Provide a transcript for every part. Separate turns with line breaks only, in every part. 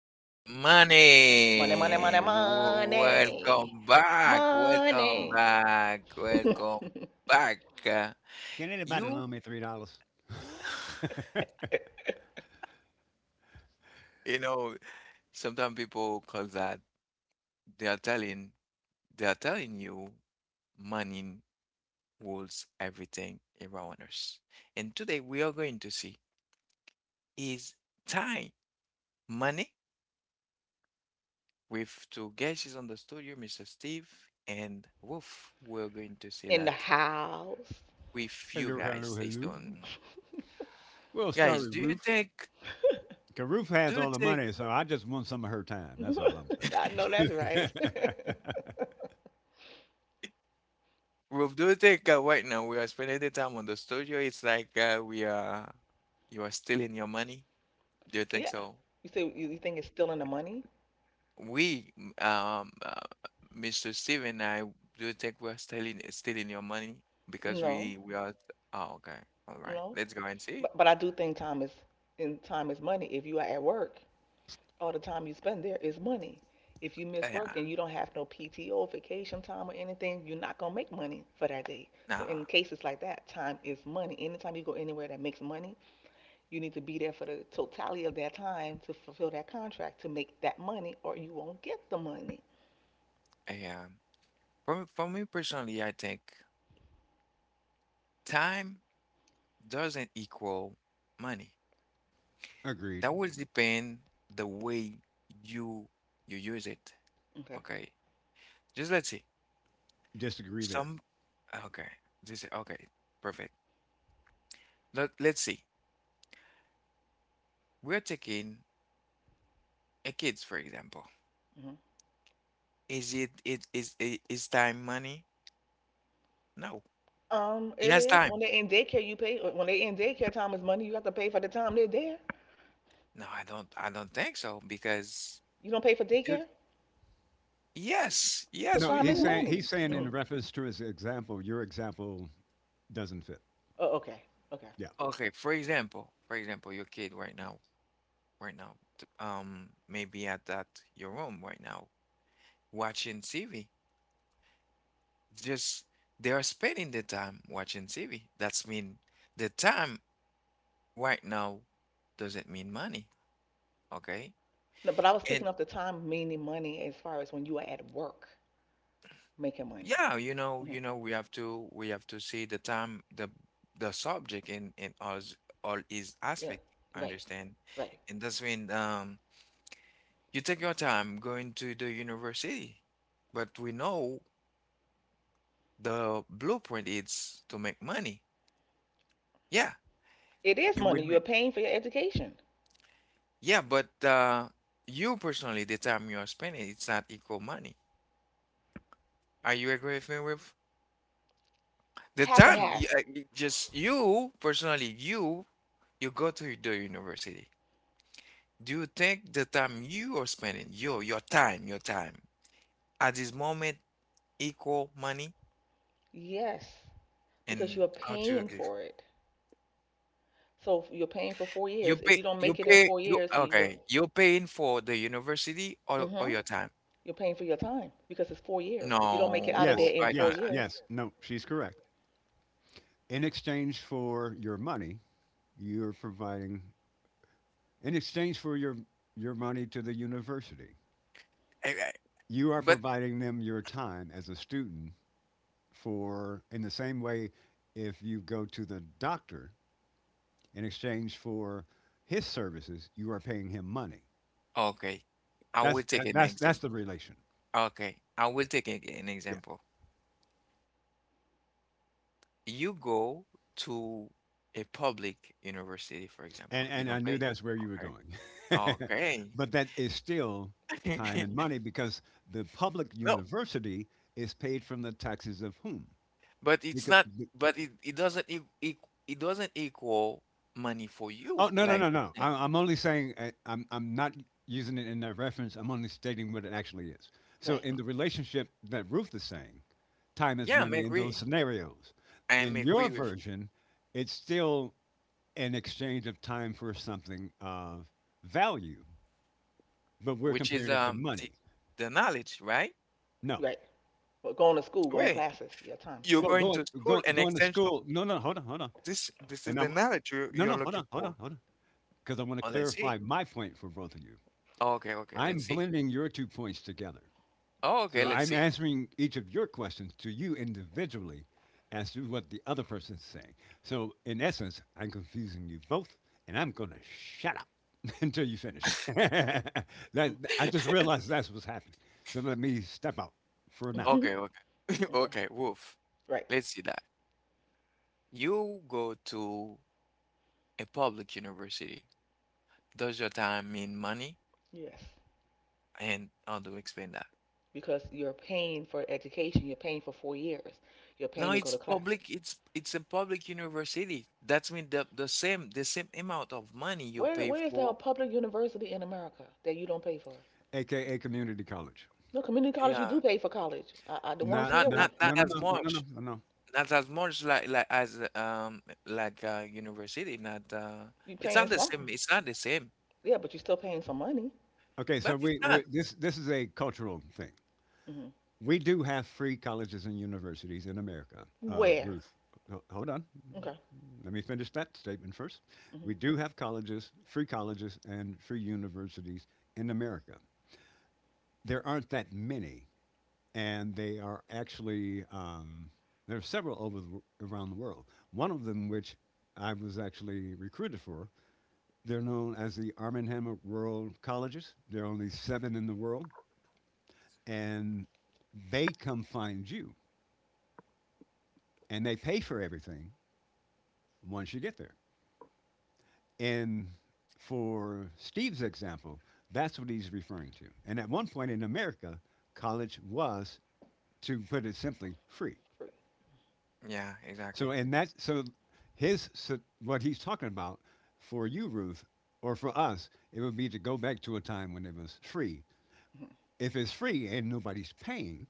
money. Money, money,
Money,
money,
welcome
money.
back, welcome
Money
back, welcome back.
Can anybody
You,
loan me $3?
you know, sometimes people call that they are telling they are telling you money rules everything around us. And today we are going to see is time money with two guests on the studio, Mr. Steve and Wolf. We're going to see
in the
that
house.
with you
Hello,
guys.
hello,
Stay
hello.
tuned.
We'll start
Guys,
with Ruth. Cause Ruth has
do you
all the
think,
money, so I just want some of her time. That's all I'm
I know that's
saying.
right.
Roof, do you think right now we are spending the time on the studio? It's like we are, you are stealing your money. Do you think
Yeah.
so?
You say you think it's still in the money?
We, m- um, uh, Mr. Steven I, do you think we are stealing your money because
No,
we are? Oh, okay, all right.
no.
Let's go and see.
But I do think time is in time is money. If you are at work, all the time you spend there is money. If you miss work
Yeah,
and you don't have no PTO, vacation time, or anything, you're not gonna make money for that day. So in
nah,
cases like that, time is money. Anytime you go anywhere that makes money, you need to be there for the totality of that time to fulfill that contract to make that money, or you won't get the money.
yeah. For me personally, I think time doesn't equal money.
Agreed.
That will depend the way you you use it.
Okay.
Okay. Just let's see.
Disagree there.
Some okay. This okay. Perfect. Let's see. We're taking a kids for example.
Hmm.
Is it it is I- is time money? No. He
It
has
is
time.
when they are in daycare, you pay. When they are in daycare, time is money. You have to pay for the time they're there.
No, I don't think so because
You don't pay for
you
daycare,
yes,
so
yes
No,
we
time is
he's saying
do.
money.
he's
We
saying
Hmm.
do.
in reference to his example, your example doesn't fit.
Oh, okay. Okay.
Yeah.
For example, your kid right now, right now, maybe at that your room right now, watching TV. Just they are spending the time watching TV. That's mean the time right now doesn't mean money, okay?
No, but I was
And
speaking of the time, meaning money, as far as when you are at work making money.
yeah,
Hmm.
we have to see the time, the subject in all s- all is
Yeah,
aspect,
right,
understand?
right.
And that's when you take your time going to the university, but we know the blueprint is to make money. Yeah,
It is
you will
money. You are
make.
paying for your education.
Yeah, but you personally, the time you are spending, it's not equal money. Are you agree with me with the
Half and
time?
half.
Just you personally, you go to the university. Do you think the time you are spending, your time at this moment equal money?
Yes, because you
And
are
how do you
paying
agree?
for it. So if you're paying for four years. If you don't make it in four
You
years and you
okay?
go,
You're paying for the university or
hmm,
your time?
you're paying for your time because it's 4 years. If you don't make it out of there
No,
Yes.
in
I
four
don't.
Yes.
years,
Yes. No, she's correct. In exchange for your money, you're providing in exchange for your money to the university.
I,
You are
but
providing them your time as a student for, in the same way, if you go to the doctor in exchange for his services, you are paying him money.
okay, I will
That's
take an
that's the
example.
relation.
Okay, I will
Yeah,
take an
yeah.
example. You go to a public university, for example.
And
You
and I
don't
knew
pay.
that's where you were
Okay.
going,
Okay.
but that is still time
time.
and money because the public
No,
university is paid from the taxes of whom?
but it's
Because
not, but it doesn't e e- it doesn't equal money for you.
Oh, no, no,
Like,
no, no!
student.
I'm only saying, I'm not using it in that reference. I'm only stating what it actually is. So
Right,
in the relationship that Ruth is saying, time is
Yeah, I'm
money in those
agree.
scenarios.
I am
In your
agree with,
version, it's still an exchange of time for something of value, but we're
which is
comparing it to money.
the knowledge, right?
No,
right. Well, going to school, going to
Wait,
classes, yeah, time
you're
spent.
well
Yeah.
going
going
to school
going
and
going to
essential.
school. No, hold on, hold on.
This is
And
the
I'm
knowledge you
no
you're
no hold
looking
on, hold on,
for.
hold on, because I want to
Oh, let's see.
clarify my point for both of you.
Okay, okay,
I'm
let's see.
blending your two points together.
Oh, okay,
So
let's
I'm
see.
answering each of your questions to you individually as to what the other person's saying. So in essence, I'm confusing you both, and I'm gonna shut up until you finish. that I just realized that's what's happening. So let me step out for now.
Mm-hmm.
Okay, okay,
Okay.
okay, Wolf.
Right.
Let's see that. You go to a public university. Does your time mean money?
Yes.
And how do you explain that?
Because you're paying for education. You're paying for 4 years. You're paying
No,
to go to
it's
class.
public. It's a public university. That's mean the same amount of money you
Where
pay
where is there a
for.
public university in America that you don't pay for?
AKA community college.
No community college. You
Yeah,
do pay for college. The ones
Not
here, we
not no
not
no
as
no no no no
much.
no. no.
Not as much like as like university. Not
you
it's
paying
not the same.
something.
It's not the same,
Yeah, but you're still paying some money.
Okay, so
but it's
we, we
not.
this this is a cultural thing.
Hmm.
We do have free colleges and universities in America.
Where?
Ruth, hold on.
Okay.
Let me finish that statement first. We
Hmm.
do have colleges, free colleges, and free universities in America. There aren't that many, and they are actually, there are several over around the world. One of them, which I was actually recruited for, they're known as the Arm and Hammer World Colleges. There are only seven in the world, and they come find you and they pay for everything once you get there. And for Steve's example, that's what he's referring to. And at one point in America, college was, to put it simply, free.
Free.
Yeah, exactly.
So, and that, so his, so what he's talking about for you, Ruth, or for us, it would be to go back to a time when it was free.
Hmm.
If it's free and nobody's paying,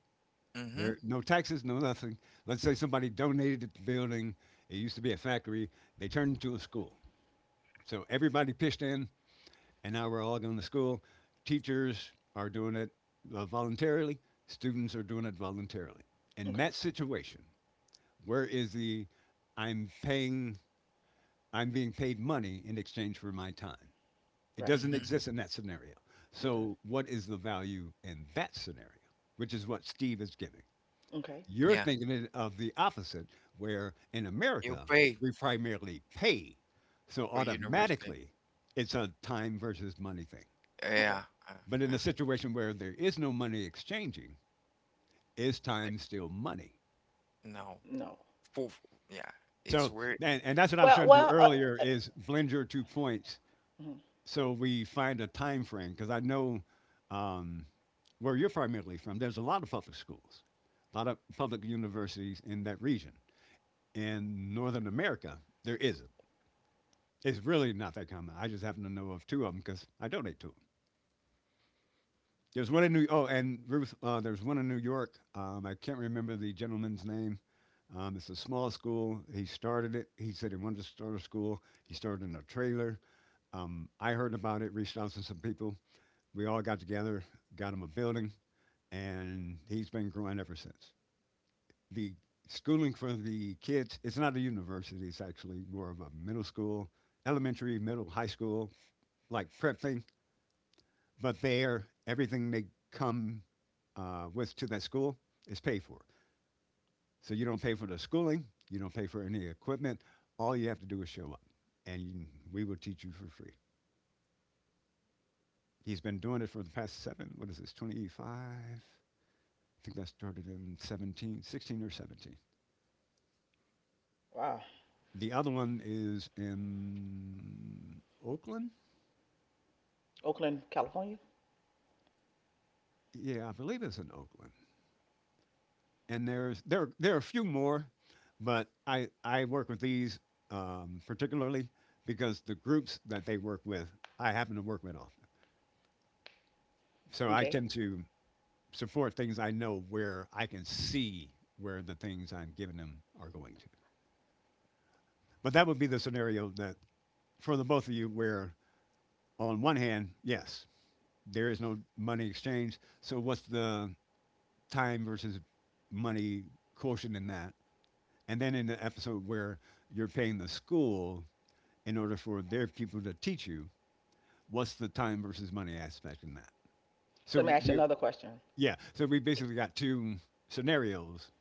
Mm-hmm.
there no taxes, no nothing. Let's say somebody donated the building. It used to be a factory. They turned it into a school. So everybody pitched in, and now we're all going to school. Teachers are doing it voluntarily, students are doing it voluntarily. In
Okay.
that situation, where is the I'm paying, I'm being paid money in exchange for my time? It
Right.
doesn't
Mm-hmm.
exist in that scenario.
Okay.
So, what is the value in that scenario, which is what Steve is giving?
Okay.
You're
Yeah.
thinking it of the opposite, where in
You
America,
pay
we primarily pay. So
for university.
automatically, it's a time versus money thing.
Okay.
Yeah, uh,
But in a
yeah.
situation where there is no money exchanging, is time still money?
No,
No.
for- yeah, it's
So,
weird.
and that's what I was
Well,
trying to do
well.
earlier
Uh,
is blend your two points
mhm.
so we find a time frame. Because I know um, where you're primarily from, there's a lot of public schools, a lot of public universities in that region. In Northern America, there isn't. It's really not that common. I just happen to know of two of them because I donate to them. There's one in New. Oh, and Ruth, there's one in New York. I can't remember the gentleman's name. It's a small school. He started it. He said he wanted to start a school. He started in a trailer. I heard about it. Reached out to some people. We all got together, got him a building, and he's been growing ever since. The schooling for the kids. It's not a university. It's actually more of a middle school, elementary, middle, high school, like prep thing. But there, everything they come with to that school is paid for. So you don't pay for the schooling, you don't pay for any equipment. All you have to do is show up, and we will teach you for free. He's been doing it for the past seven, what is this, 25? I think that started in 17, 16, or 17.
Wow.
The other one is in Oakland?
Oakland, California.
Yeah, I believe it's in Oakland. And there are a few more, but I work with these particularly because the groups that they work with I happen to work with often, so I
Okay.
tend to support things I know where I can see where the things I'm giving them are going to. But that would be the scenario that for the both of you where on one hand yes there is no money exchange, so what's the time versus money quotient in that? And then in the episode where you're paying the school in order for their people to teach you what's the time versus money aspect in that.
So
So
let me ask you
we
another question.
Yeah, so we basically got two scenarios.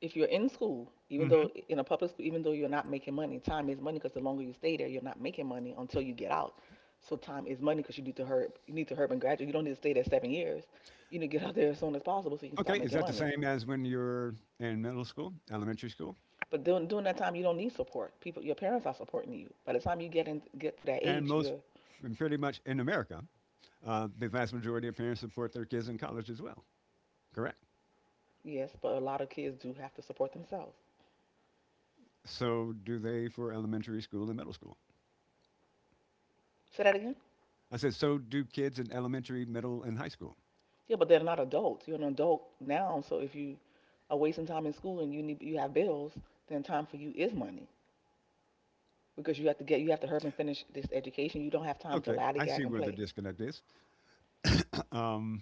If you're in school, even though
hmm
in a public school, even though you're not making money, time is money because the longer you stay there, you're not making money until you get out. So time is money because you need to hurry up and graduate. You don't need to stay there 7 years. You need to get out there as soon as possible so you can start
Okay, is
making
that the
money.
same as when you're in middle school, elementary school?
But during that time, you don't need support. People, your parents are supporting you. By the time you get to that
And
age,
most
you're
and pretty much in America, the vast majority of parents support their kids in college as well, correct?
yes, but a lot of kids do have to support themselves.
So do they for elementary school and middle school.
Say that again.
I said, so do kids in elementary, middle, and high school.
Yeah, but they're not adults. You're an adult now, so if you are wasting time in school and you need you have bills, then time for you is money, because you have to get you have to hurry and finish this education. You don't have time to
Okay, I
lollygag
see
and
where the
play.
disconnect is. Um,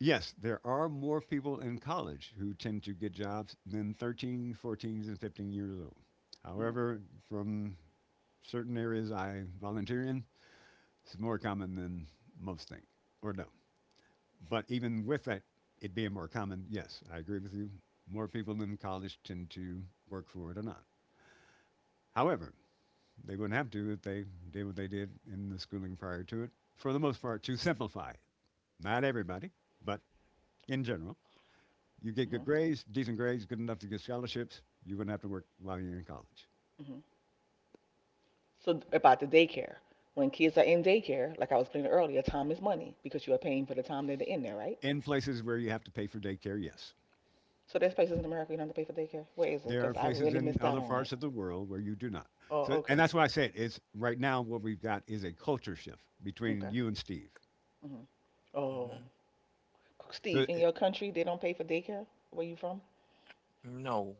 Yes, there are more people in college who tend to get jobs than 13, 14, and 15 years old.
Hmm.
However, from certain areas I volunteer in, it's more common than most think or don't. But even with that, it being more common, yes, I agree with you. More people in college tend to work for it or not. However, they wouldn't have to if they did what they did in the schooling prior to it. For the most part, to simplify it. Not everybody, but in general. You get good
Hmm.
grades, decent grades, good enough to get scholarships. You're going to have to work while you're in college.
Hmm. So about the daycare, when kids are in daycare, like I was explaining earlier, time is money because you are paying for the time that they're in there, right?
In places where you have to pay for daycare, yes.
So there's places in America you don't have to pay for daycare. Where is it?
There are
Because I
places
really
in
missed out
other
on
parts
it.
of the world where you do not. So,
Oh,
and
okay,
that's why I said it's right now what we've got is a culture shift between
okay.
you and Steve.
Hmm. Oh,
Mhm.
So,
Steve, in
it-
your country they don't pay for daycare. Where you from?
No,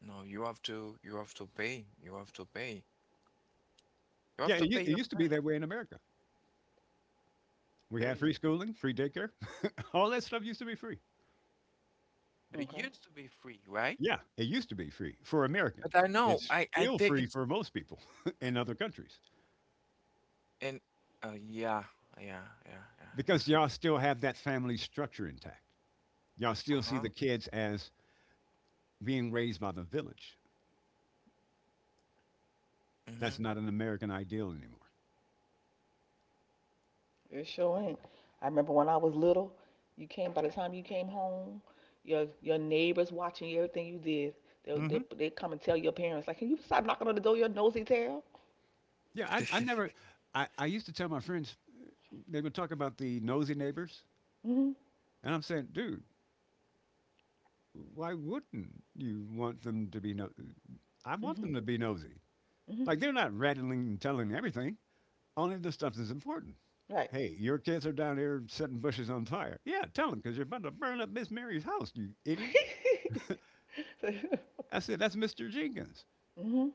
no, you have to pay. You have to pay. You
yeah,
have to pay
it
your
used to be
money.
that way in America. We
There
had free
is,
schooling, free daycare. All that stuff used to be free.
there
Okay.
used to be free, right?
Yeah, it used to be free for
But
Americans.
I know,
It's
I
still
think
free
it's,
for most people in other countries
and, yeah, yeah, yeah, yeah, yeah.
because y'all still have that family structure intact. Y'all still see
Uh-huh.
the kids as being raised by the village.
Mm-hmm.
That's not an American ideal anymore.
It sure ain't. I remember when I was little, you came by the time you came home, your neighbors watching everything you did. They'll they
hmm
they come and tell your parents like, "Can you stop knocking on the door, your nosy tail?"
Yeah, I never, I used to tell my friends, they would talk about the nosy neighbors.
Mhm.
And I'm saying, dude, why wouldn't you want them to be no? I want
Mhm.
them to be nosy.
Mhm.
Like they're not rattling and telling everything, only the stuff that's important.
Right.
Hey, your kids are down there setting bushes on fire. Yeah, tell them because you're about to burn up Miss Mary's house, you idiot. I said, that's Mr. Jenkins.
Mhm.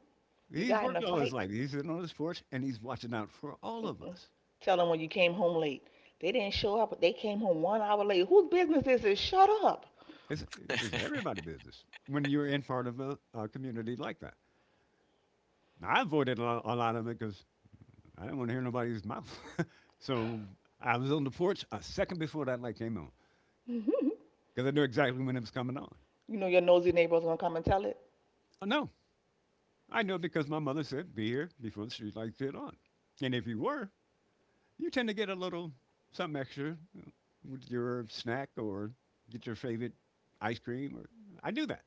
You
He's
got in
worked
a
all his
fight.
life. He's in on the sports, and he's watching out for all of
Mm-mm.
us.
Tell them when you came home late. They didn't show up, but they came home 1 hour late. Whose business is it? Shut up.
It's, it's everybody business when you're in part of a community like that. Now, I avoided a lot of it because I didn't want to hear nobody's mouth. So I was on the porch a second before that light came on
Mhm.
because I knew exactly when it was coming on.
You know your nosy neighbor's gonna come and tell it.
Oh, no, I knew because my mother said, be here before the street lights get on. And if you were, you tend to get a little something extra you know, with your snack or get your favorite ice cream. Or I do that.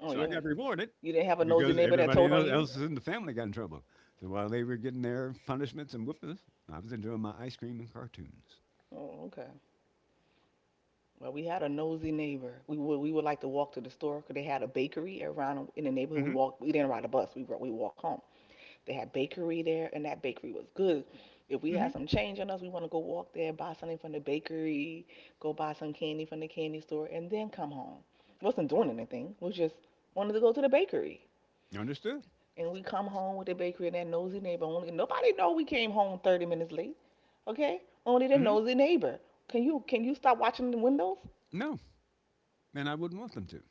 Oh
So I
yeah.
got rewarded
You didn't have a nosy
because
neighbor that
everybody
told on
else
you.
else in the family got in trouble. So while they were getting their punishments and whoopings, I was enjoying my ice cream and cartoons.
Oh, okay. Well, we had a nosy neighbor. We would like to walk to the store because they had a bakery around in the neighborhood. We
Mm-hmm.
walked. We didn't ride a bus. We walked home. They had bakery there, and that bakery was good. If we
Mm-hmm.
had some change on us, we want to go walk there, buy something from the bakery, go buy some candy from the candy store, and then come home. Wasn't doing anything. We just wanted to go to the bakery,
Understood.
and we come home with the bakery and that nosy neighbor. Only nobody know we came home 30 minutes late. Okay, only the
Mm-hmm.
nosy neighbor. Can you stop watching the windows?
No, and I wouldn't want them to.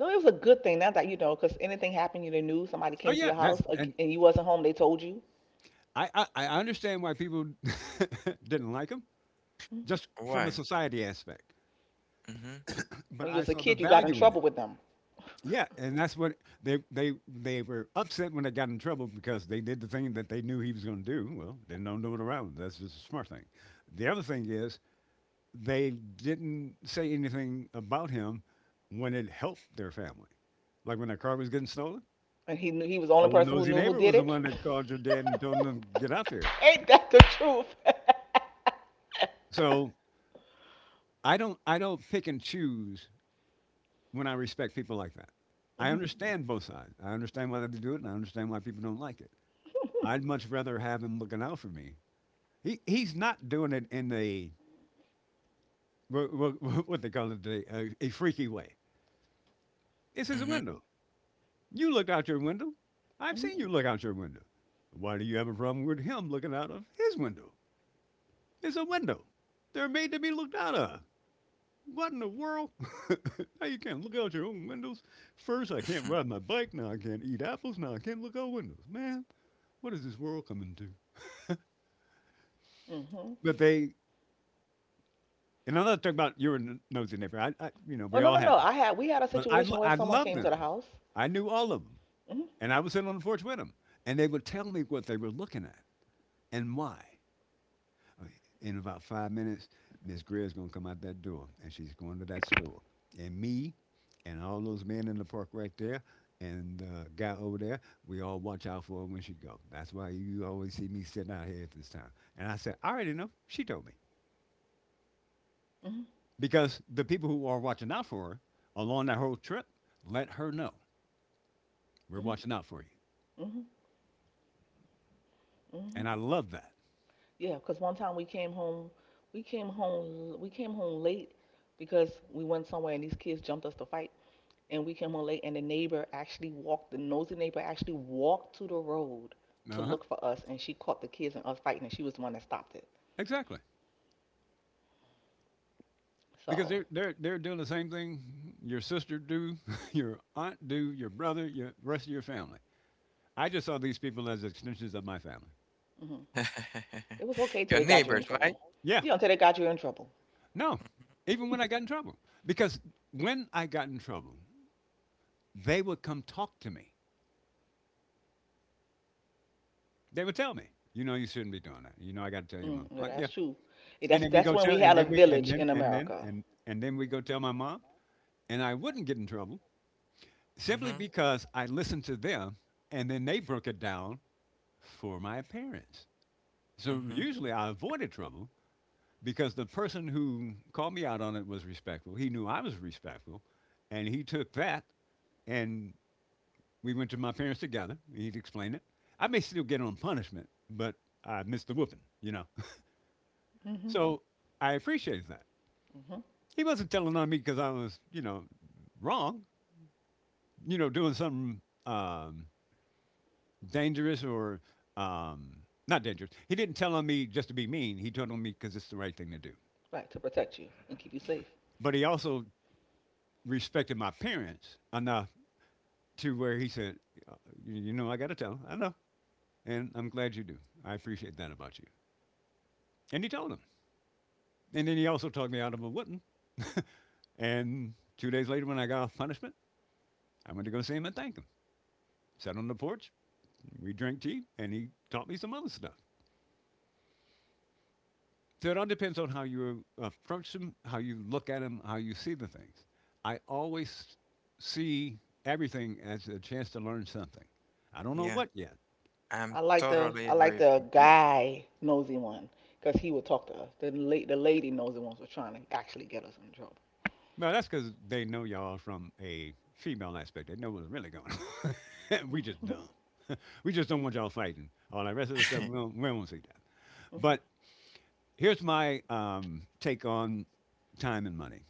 No, it was a good thing. Not that you know, because anything happened, you the news. Somebody
Oh
came to
yeah,
your house
that's and
and you wasn't home. They told you.
I understand why people didn't like them
Mhm.
just from a
Why?
society aspect, but
When you
I
was a
saw the
kid, you got in
value in it.
trouble with them,
Yeah, and that's what they were upset when they got in trouble because they did the thing that they knew he was going to do. Well, they don't do it around. That's just a smart thing. The other thing is they didn't say anything about him when it helped their family, like when their car was getting stolen.
and he knew he was the only
Old
person who
nosy
knew who
neighbor
did
was the
it.
one that called your dad and told him to get out there.
Ain't that the truth?
So I don't pick and choose when I respect people like that. I
Hmm.
understand both sides. I understand why they do it, and I understand why people don't like it. I'd much rather have him looking out for me. He's not doing it in a what they call it a freaky way. It's his
Mm-hmm.
window. You looked out your window. I've
Hmm.
seen you look out your window. Why do you have a problem with him looking out of his window? It's a window. They're made to be looked out of. What in the world? Now you can't look out your own windows. First, I can't
Mm-hmm.
ride my bike. Now I can't eat apples. Now I can't look out windows. Man, what is this world coming to?
Hmm.
But they. And I'm not talking about your nosy neighbor. We
Oh, no,
all
no,
have
no.
them.
I had we had a
But
situation where
I
someone
loved
came to the
them.
house.
I knew all of them,
Hmm.
and I would sit on the porch with them, and they would tell me what they were looking at and why. Okay, in about 5 minutes, Miss Greer's gonna come out that door, and she's going to that store, and me, and all those men in the park right there, and the guy over there. We all watch out for her when she go. That's why you always see me sitting out here at this time. And I said, I already know. She told me.
Hmm.
Because the people who are watching out for her along that whole trip let her know we're
Hmm.
watching out for you,
Hmm. Hmm.
and I love that.
Yeah, 'cause one time we came home, we came home, we came home late because we went somewhere and these kids jumped us to fight. And we came on late, and the nosy neighbor actually walked to the road to
Uh huh.
look for us, and she caught the kids and us fighting, and she was the one that stopped it.
Exactly. Because
So,
they're doing the same thing your sister do, your aunt do, your brother, your rest of your family. I just saw these people as extensions of my family.
hmm, it was okay till
Your
they got you in
neighbors, right?
trouble.
Yeah.
you know till they got you in trouble
No. Even when I got in trouble, because when I got in trouble, they would come talk to me. They would tell me, you know, you shouldn't be doing that. You know, I got to tell your
mm,
mom.
yeah,
Like, yeah.
that's true. Yeah,
And
that's
then we
that's
go
when
tell,
we
and
had a
then we, and
village
then,
in
and then,
America.
and then we go tell my mom, and I wouldn't get in trouble simply
Mm-hmm.
because I listened to them, and then they broke it down for my parents. So
Mm-hmm.
usually I avoided trouble because the person who called me out on it was respectful. He knew I was respectful, and he took that, and we went to my parents together. He'd explain it. I may still get on punishment, but I missed the whooping, you know.
Hmm.
So I appreciate that.
Hmm.
He wasn't telling on me because I was, you know, wrong, you know, doing something um, dangerous or um, not dangerous. He didn't tell on me just to be mean. He told on me because it's the right thing to do.
Right, to protect you and keep you safe.
But he also respected my parents enough to where he said, "Uh, you know, I got to tell. I know. And I'm glad you do. I appreciate that about you." And he told him. And then he also talked me out of a wooden. And 2 days later, when I got off punishment, I went to go see him and thank him. Sat on the porch, we drank tea, and he taught me some other stuff. So it all depends on how you approach them, how you look at them, how you see the things. I always see everything as a chance to learn something. I don't know
Yeah,
what yet.
I'm
i like the
totally
i
agree
like
with
the
you.
Yeah.
guy nosy one because he would talk to us. The lady nosy ones were trying to actually get us in trouble.
No, that's because they know y'all from a female aspect. They know what's really going on. We just don't. We just don't want y'all fighting. All that rest of the stuff, we don't want to see that.
Hmm.
But here's my take on time and money.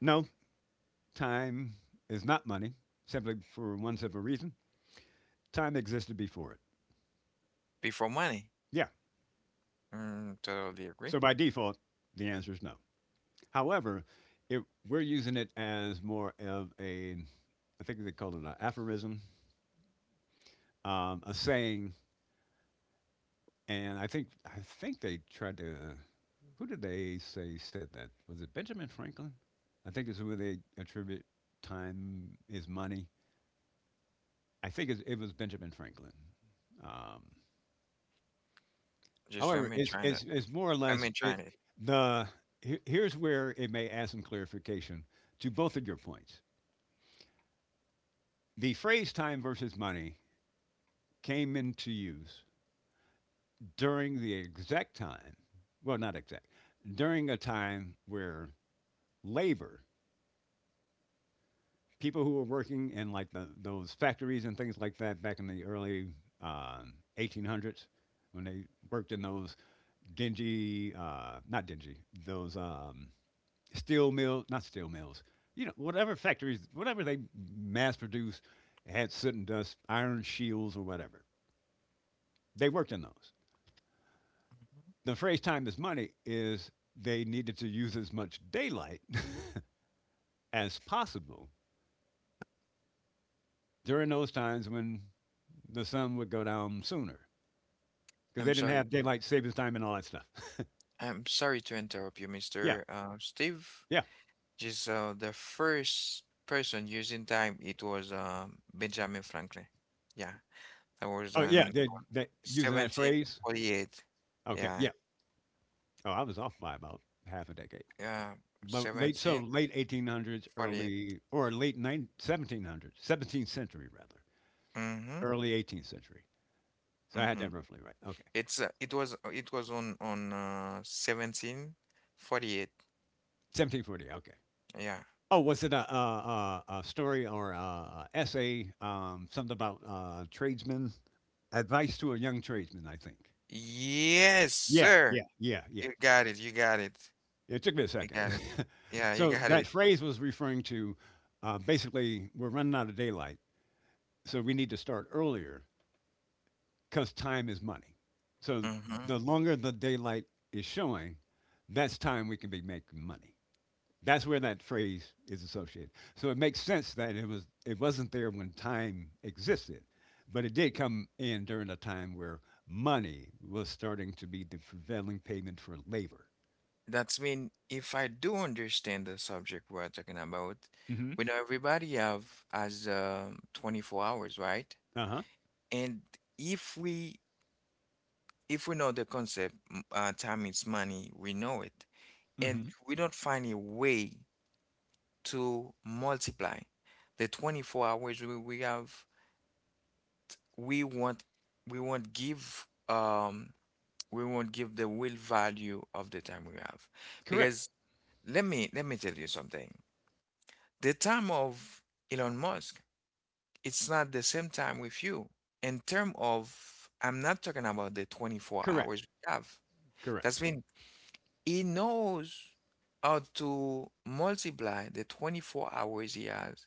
No, time is not money, simply for one simple reason: time existed before it.
Before money.
Yeah.
Mm, totally agree.
So by default, the answer is no. However, if we're using it as more of a, I think they call it an aphorism, a saying, and I think they tried to, who did they say said that? Was it Benjamin Franklin? I think it's where they attribute time is money. It was Benjamin Franklin. Um,
Just let
however,
me try that.
it's more or
Let
less
me try
it,
it.
the here's where it may add some clarification to both of your points. The phrase time versus money came into use during the exact time, well, not exact, during a time where labor, people who were working in like the, those factories and things like that back in the early 1800s, when they worked in those dingy, not dingy, those steel mills, not steel mills, you know, whatever factories, whatever they mass produced had soot and dust, iron shields or whatever. They worked in those.
Mhm.
The phrase time is money is they needed to use as much daylight as possible during those times when the sun would go down sooner because they
I'm
didn't
sorry
have
to
daylight savings time and all that stuff.
I'm sorry to interrupt you,
Yeah,
Mr. Steve.
yeah.
Just the first person using time, it was Benjamin Franklin. Yeah, that was
Oh, yeah.
on
Using that phrase.
1748.
Okay,
Yeah,
yeah. Oh, I was off by about half a decade.
yeah,
Late, so
1748.
late 1800s, early or late nine, 1700s, 17th century rather,
Mm-hmm.
early 18th century. So I had
Mm-hmm.
that roughly right. Okay,
It's it was on 1748.
1740. Okay,
Yeah.
oh, was it a story or a essay? Something about tradesmen, advice to a young tradesman. I think.
Yes, sir.
Yeah.
You got it. You got it.
It took me a
You
second.
got it. Yeah, you
So
got
that
it.
phrase was referring to basically we're running out of daylight, so we need to start earlier because time is money. So the
Mm-hmm.
longer the daylight is showing, that's time we can be making money. That's where that phrase is associated. So it makes sense that it wasn't there when time existed, but it did come in during a time where money was starting to be the prevailing payment for labor.
That's mean if I do understand the subject we're talking about,
Hmm.
we know everybody have as 24 hours, right?
Uh huh.
And if we if we know the concept, time is money, we know it, and
Hmm.
we don't find a way to multiply the 24 hours we have, we want we want give we won't give the real value of the time we have.
Correct.
Because let me tell you something. The time of Elon Musk, it's not the same time with you. In term of, I'm not talking about the 24 hours
Correct.
we have. That's
Correct.
mean he knows how to multiply the 24 hours he has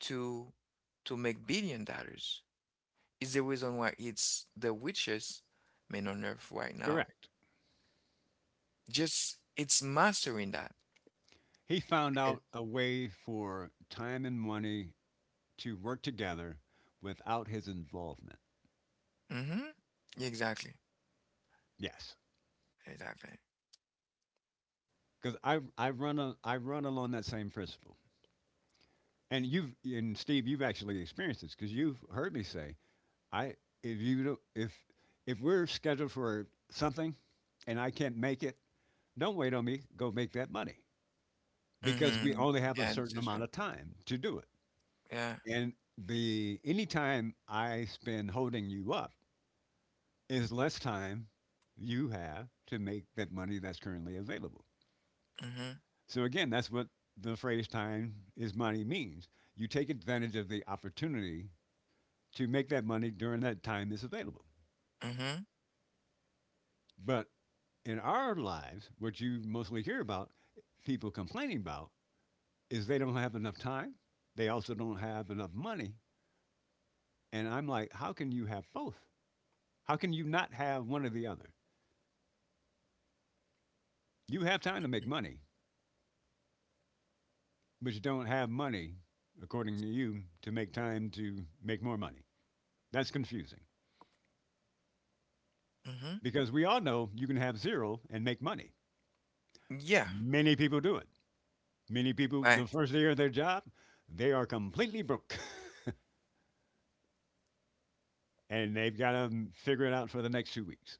to to make billion dollars. Is the reason why it's the richest man on earth right now.
Correct.
Just it's mastering that.
He found out a way for time and money to work together without his involvement.
Mhm. Yeah, exactly.
Yes,
Exactly.
because I run a, I run along that same principle. And you've and Steve, you've actually experienced this because you've heard me say, I if you don't, if we're scheduled for something and I can't make it, don't wait on me. Go make that money because we
Mhm.
only have a
Yeah, this
certain
is
amount
true.
of time to do it.
Yeah.
And the any time I spend holding you up is less time you have to make that money that's currently available.
Mhm.
So again, that's what the phrase time is money means. You take advantage of the opportunity to make that money during that time is available.
Mhm.
But in our lives, what you mostly hear about, people complaining about, is they don't have enough time. They also don't have enough money. And I'm like, how can you have both? How can you not have one or the other? You have time to make money, but you don't have money, according to you, to make time to make more money. That's confusing
Mhm.
because we all know you can have zero and make money.
Yeah.
Many people do it. Many people, the
Right.
first day of their job, they are completely broke. And they've got to figure it out for the next 2 weeks.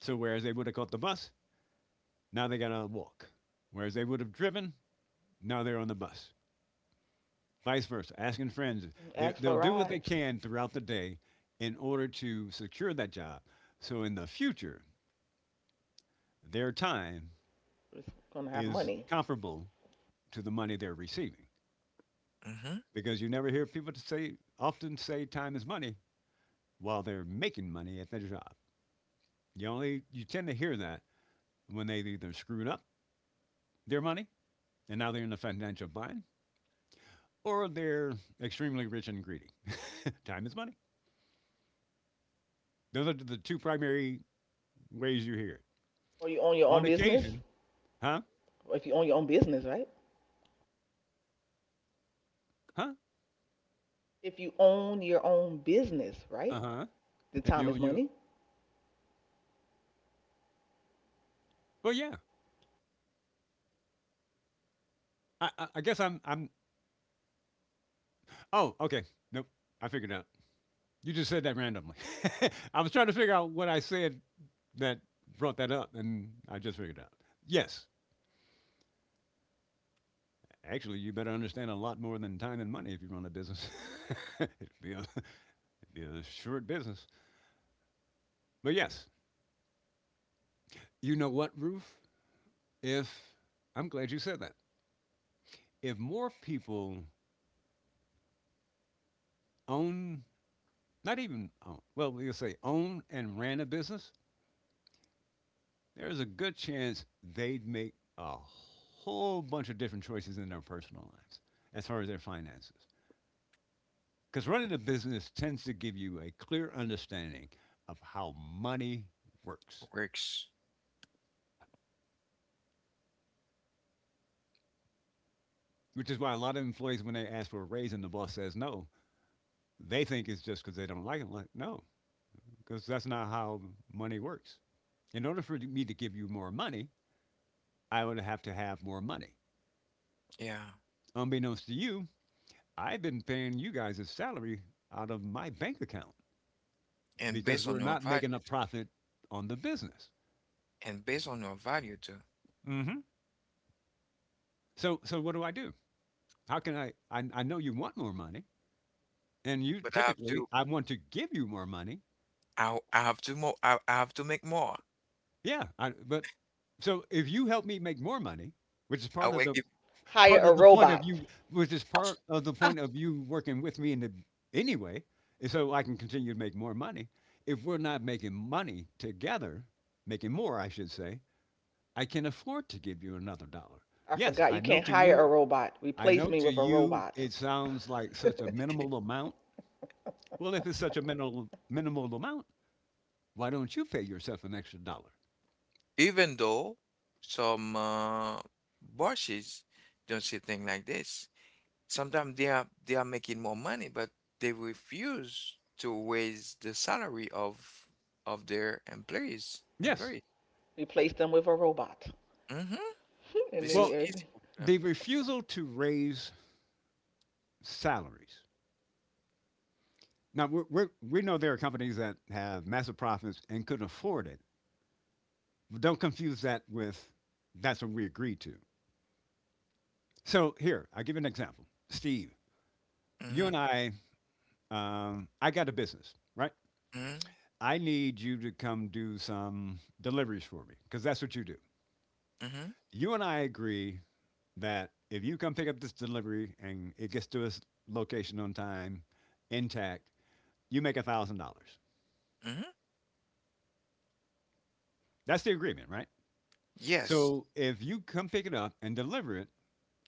So whereas they would have caught the bus, now they got to walk. Whereas they would have driven, now they're on the bus. Vice versa. Asking friends, They-
Ask for
they'll do what they
rides.
can throughout the day in order to secure that job. So in the future, their time
It's gonna have
is
money.
comparable to the money they're receiving
Mhm.
because you never hear people to say often say time is money while they're making money at their job. You tend to hear that when they either screwed up their money and now they're in a financial bind, or they're extremely rich and greedy. Time is money. Those are the two primary ways you hear it.
Or you own your
On
own business.
occasion, huh?
Or if you own your own business, right?
Huh?
If you own your own business,
Uh
right?
huh.
The
If you
time is
own you,
money.
well, yeah. I'm I'm. Oh, okay. Nope. I figured it out. You just said that randomly. I was trying to figure out what I said that brought that up, and I just figured it out. Yes. Actually, you better understand a lot more than time and money if you run a business. It'd it'd be a short business. But yes, you know what, Ruth? If I'm glad you said that. If more people own, not even own, well, we'll say own and ran a business, there's a good chance they'd make a whole bunch of different choices in their personal lives as far as their finances. Because running a business tends to give you a clear understanding of how money works,
Works.
which is why a lot of employees, when they ask for a raise and the boss says no, they think it's just because they don't like it. Like, no, because that's not how money works. In order for me to give you more money, I would have to have more money.
Yeah.
Unbeknownst to you, I've been paying you guys a salary out of my bank account
And
because
based
we're
on your
not
value,
making a
t-
profit on the business.
and based on your value too.
Mm-hmm. So what do I do? How can I? I know you want more money, and you
But I have
typically
to.
I want to give you more money.
I have to more. I have to make more.
Yeah, but so if you help me make more money, which is
I will give,
Hire
part
a
of the point of
robot.
you which is part of the point of you working with me in the anyway is so I can continue to make more money. If we're not making money together, making more I should say, I can afford to give you another dollar.
I
Yes,
forgot you can't hire a robot.
I
Replace
know
me
to
with a
you
robot.
it sounds like such a minimal amount. Well, if it's such a minimal amount, why don't you pay yourself an extra dollar?
even though some bosses don't see things like this. Sometimes they are making more money, but they refuse to raise the salary of their employees.
Yes.
Employees.
Replace them with a robot.
Hmm.
And
This
then
is
Well,
everything.
easy for
the
them.
refusal to raise salaries. Now we know there are companies that have massive profits and couldn't afford it. Don't confuse that with that's what we agreed to. So here, I'll give you an example. Steve, you
Mm-hmm.
and I got a business, right?
Mm-hmm.
I need you to come do some deliveries for me because that's what you do.
Mm-hmm.
You and I agree that if you come pick up this delivery and it gets to its location on time, intact, you make $1,000.
Mm-hmm.
That's the agreement, right?
Yes,
So if you come pick it up and deliver it,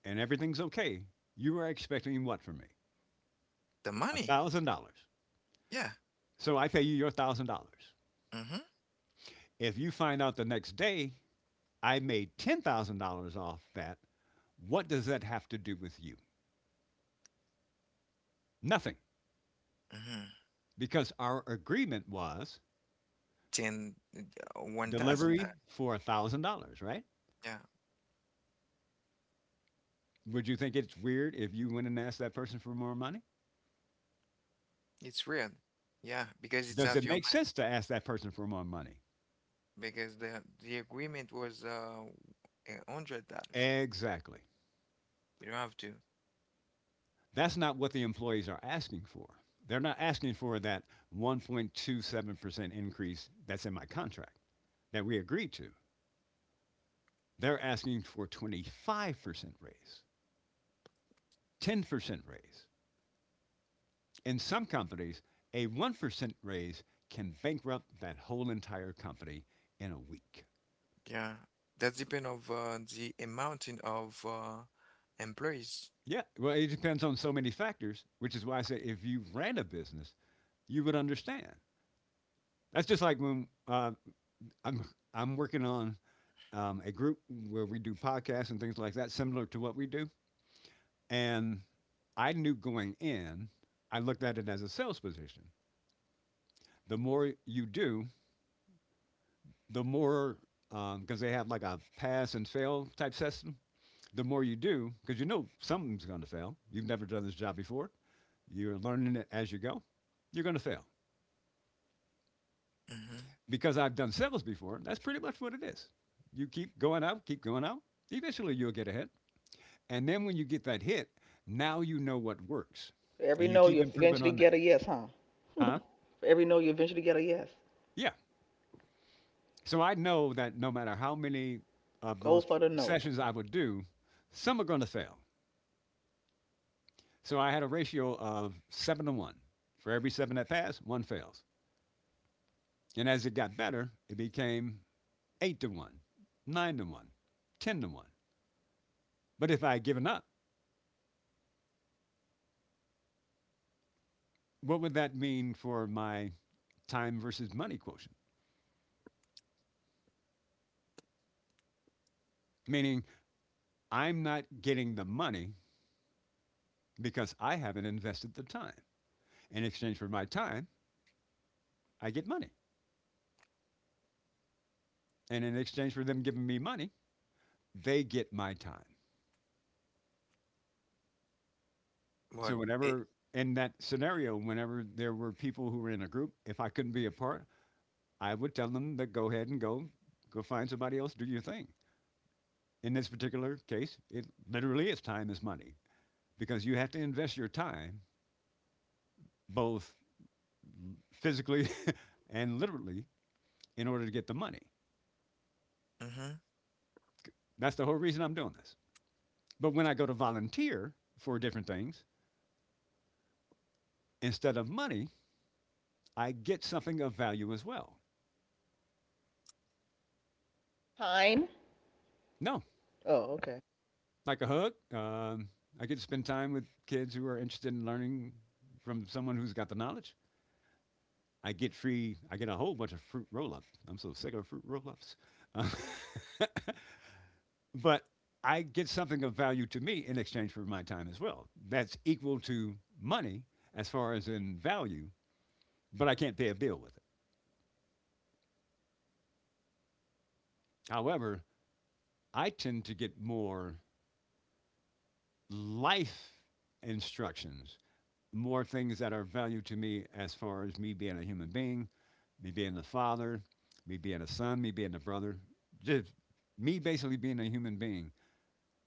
and everything's okay, you are expecting what from me?
the
A
money.
thousand dollars.
Yeah.
So I pay you your $1,000.
Mm-hmm.
If you find out the next day I made $10,000 off that, what does that have to do with you? Nothing.
Mm-hmm.
Because our agreement was
Ten, uh, 1,000. That,
delivery for $1,000, right?
yeah,
Would you think it's weird if you went and asked that person for more money?
it's real. Yeah, because it's
Does
out
it
your
make
mind.
sense to ask that person for more money?
Because the agreement was $100.
Exactly.
We don't have to.
That's not what the employees are asking for. They're not asking for that 1.27% increase that's in my contract that we agreed to. They're asking for 25% raise, 10% raise. In some companies, a 1% raise can bankrupt that whole entire company in a week.
Yeah, that's depend of the amount in- of employees.
Yeah, well, it depends on so many factors, which is why I say if you ran a business, you would understand. That's just like when I'm working on a group where we do podcasts and things like that, similar to what we do. And I knew going in, I looked at it as a sales position. The more you do, the more, because they have like a pass and fail type system, the more you do, because you know something's going to fail. You've never done this job before, you're learning it as you go, you're going to fail.
Mm-hmm.
Because I've done sales before, that's pretty much what it is. You keep going out, eventually you'll get ahead. And then when you get that hit, now you know what works,
For every
and you
no,
keep
you
improving
eventually
on
get
that.
a yes, huh?
Huh?
For every no, you eventually get a yes.
Yeah. So I know that no matter how many of
Go
those
for the no.
sessions I would do, some are going to fail. So I had a ratio of seven to one. For every seven that pass, one fails. And as it got better, it became eight to one, nine to one, 10-1. But if I had given up, what would that mean for my time versus money quotient? Meaning, I'm not getting the money because I haven't invested the time. In exchange for my time, I get money. And in exchange for them giving me money, they get my time. So,
But it.
whenever in that scenario, whenever there were people who were in a group, if I couldn't be a part, I would tell them to go ahead and go, go find somebody else, do your thing. In this particular case, it literally is time is money because you have to invest your time both physically and literally in order to get the money.
Mm-hmm.
That's the whole reason I'm doing this. But when I go to volunteer for different things, instead of money, I get something of value as well.
Time.
No,
Oh, okay.
like a hug. I get to spend time with kids who are interested in learning from someone who's got the knowledge. I get free. I get a whole bunch of fruit roll ups. I'm so sick of fruit roll ups. But I get something of value to me in exchange for my time as well. That's equal to money as far as in value, but I can't pay a bill with it. However, I tend to get more life instructions, more things that are of value to me as far as me being a human being, me being a father, me being a son, me being a brother, just me basically being a human being.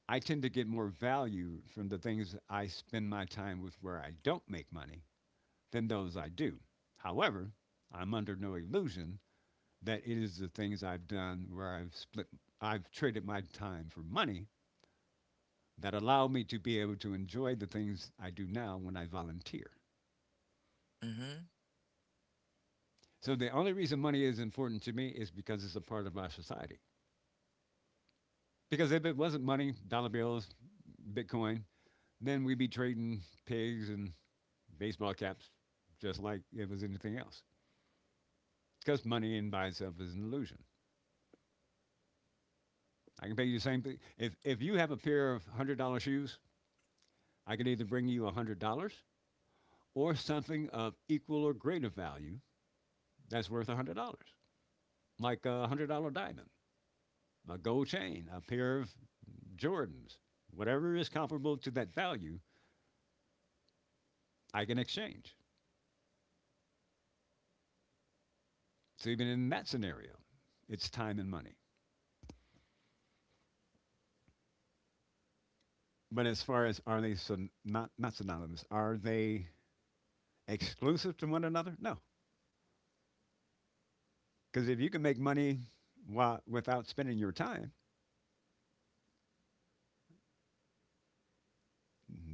I tend to get more value from the things I spend my time with where I don't make money than those I do. However, I'm under no illusion that it is the things I've done where I've split, I've traded my time for money that allow me to be able to enjoy the things I do now when I volunteer.
Mm-hmm.
So the only reason money is important to me is because it's a part of my society. Because if it wasn't money, dollar bills, Bitcoin, then we'd be trading pigs and baseball caps just like it was anything else. Because money in by itself is an illusion. I can pay you the same thing. If you have a pair of $100 shoes, I can either bring you $100 or something of equal or greater value that's worth $100, like a $100 diamond, a gold chain, a pair of Jordans, whatever is comparable to that value, I can exchange. So even in that scenario, it's time and money. But as far as, are they not synonymous? Are they exclusive to one another? No, because if you can make money while, without spending your time,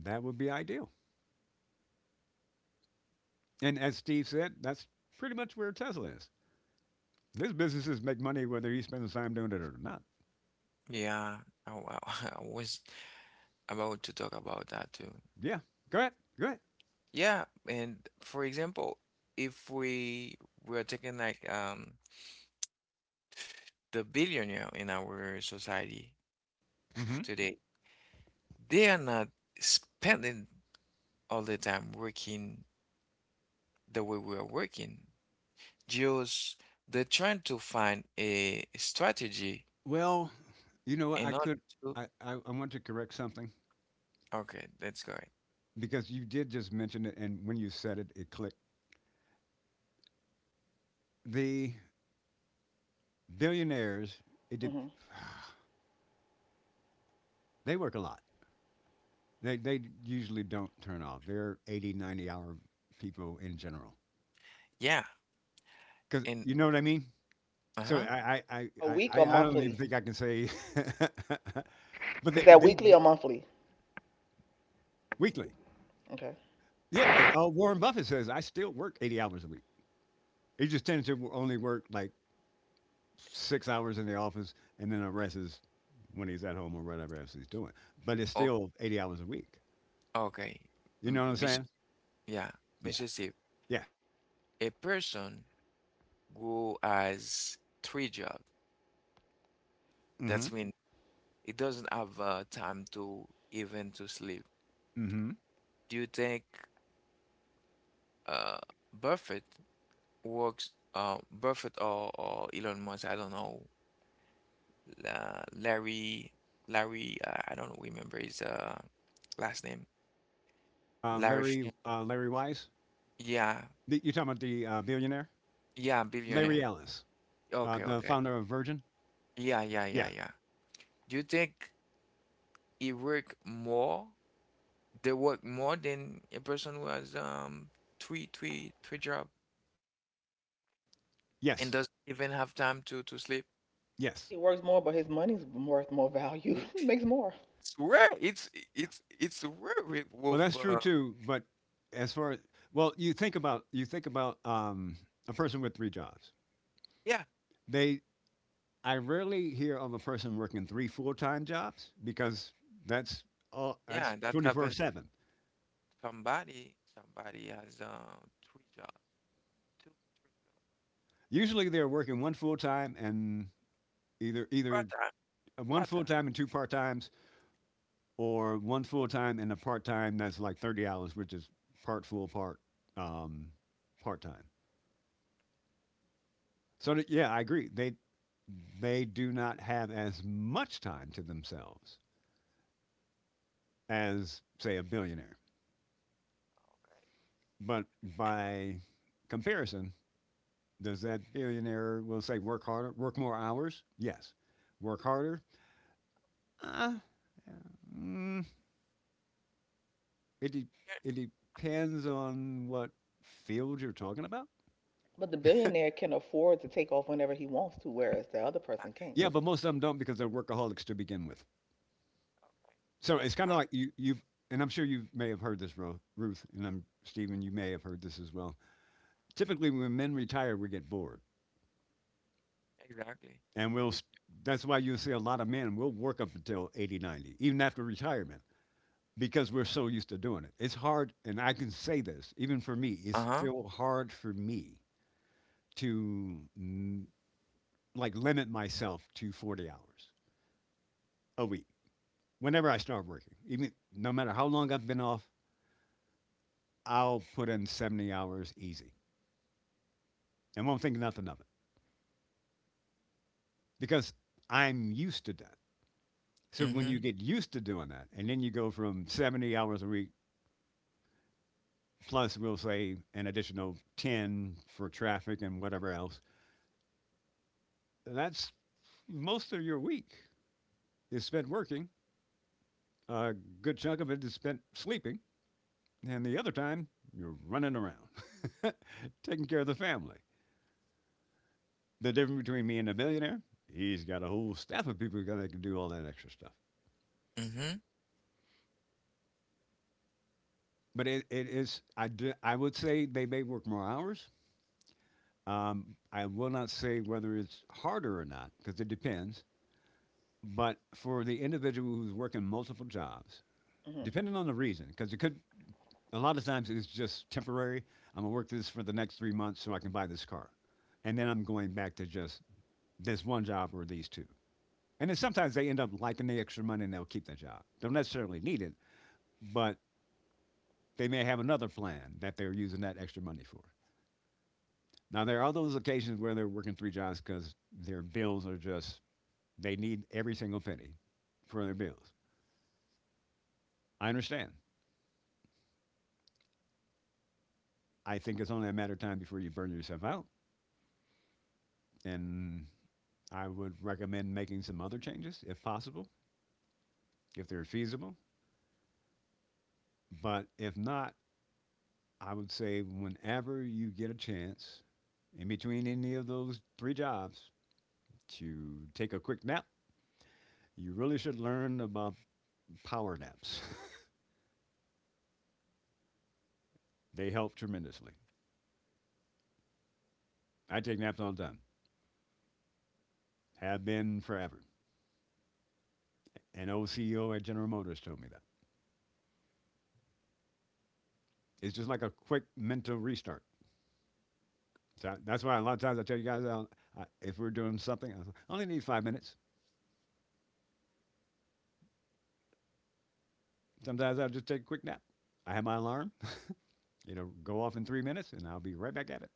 that would be ideal. And as Steve said, that's pretty much where Tesla is. His businesses make money whether he spends time doing it or not.
Yeah, I was about to talk about that too.
Yeah, go ahead, go ahead.
Yeah, and for example, if we were taking like the billionaire in our society
Mhm.
today, they are not spending all the time working the way we are working. Just they're trying to find a strategy
Well, you know what? I
in order
could.
to,
I want to correct something,
okay, that's good.
because you did just mention it, and when you said it, it clicked. The billionaires, it did,
Hmm.
they work a lot. They usually don't turn off. They're 80, hour people in general.
Yeah,
Because
and
you know what I mean? So
uh-huh.
I, I, I,
A
I,
week or
I I don't even
monthly?
think I can say, but
Is that weekly or monthly?
weekly.
Okay.
Yeah. Warren Buffett says, I still work 80 hours a week. He just tends to only work like 6 hours in the office, and then the rest is when he's at home or whatever else he's doing. But it's
Okay,
still 80 hours a week.
okay.
You know
M-
what I'm
Miss,
saying?
yeah,
Yeah.
Mr. Steve,
Yeah.
a person who has three jobs,
Mm-hmm.
that's when it doesn't have time to even to sleep.
Mm-hmm.
Do you think uh Buffett works Buffett or Elon Musk, I don't know, La Larry Larry I don't remember his last name. Larry Fi-
Larry Wise.
yeah.
The, you talking about the billionaire?
Yeah,
Larry
billionaire.
Ellis,
Okay,
the
okay.
founder of Virgin.
Yeah, yeah, yeah,
Yeah.
yeah. Do you think it work more? They work more than a person who has three job and
Yes.
doesn't even have time to sleep.
Yes.
He works more, but his money's worth more value.
It-
He makes more.
It's rare. It's rare
Well,
with
that's true too. But as far as, well, you think about a person with three jobs.
yeah
They, I rarely hear of a person working three full time jobs because that's all
yeah
that's
that
twenty four
happened.
seven.
Somebody has three job, three job,
Usually they're working one full time and either
part
either
time,
one
part
full
time,
time and two-part times, or one
full.
full time and a part time that's like 30 hours, which is part full part um, part time. So that, yeah, I agree. They do not have as much time to themselves as say a billionaire,
Time.
but by comparison, does that billionaire, will say, work harder, work more hours? Yes. Work harder? Uh, mm, it de-
Okay, yeah,
it depends on what field you're talking about.
But the billionaire can afford to take off whenever he wants to, whereas the other person can't.
Yeah, but most of them don't because they're workaholics to begin with.
okay,
So it's kind of
uh,
like you've and I'm sure you may have heard this, Ruth, and I'm Stephen. You may have heard this as well. Typically, when men retire, we get bored,
exactly.
and we'll. That's why you'll see a lot of men will work up until 80, 90, even after retirement. Because we're so used to doing it. It's hard, and I can say this, even for me, it's
Uh huh.
still hard for me to like limit myself to 40 hours a week. Whenever I start working, even no matter how long I've been off, I'll put in 70 hours easy and won't think nothing of it because I'm used to that. So when you
Mm-hmm.
get used to doing that, and then you go from 70 hours a week plus, we'll say, an additional 10 for traffic and whatever else, that's most of your week, is spent working. A good chunk of it is spent sleeping, and the other time you're running around, taking care of the family. The difference between me and a millionaire, he's got a whole staff of people that can do all that extra stuff.
Mm-hmm.
But it is, I, do, I would say they may work more hours. I will not say whether it's harder or not, because it depends. But for the individual who's working multiple jobs,
Hmm.
depending on the reason, because it could a lot of times it's just temporary. I'm gonna work this for the next 3 months so I can buy this car, and then I'm going back to just this one job or these two. And then sometimes they end up liking the extra money and they'll keep the job. Don't necessarily need it, but they may have another plan that they're using that extra money for. Now there are those occasions where they're working three jobs because their bills are just they need every single penny for their bills. I understand. I think it's only a matter of time before you burn yourself out, and I would recommend making some other changes if possible, if they're feasible. But if not, I would say whenever you get a chance in between any of those three jobs to take a quick nap, you really should learn about power naps. They help tremendously. I take naps all the time, have been forever. An old CEO at General Motors told me that. It's just like a quick mental restart. So that's why a lot of times I tell you guys, if we're doing something, I only need 5 minutes. Sometimes I'll just take a quick nap. I have my alarm, you know, go off in 3 minutes and I'll be right back at it.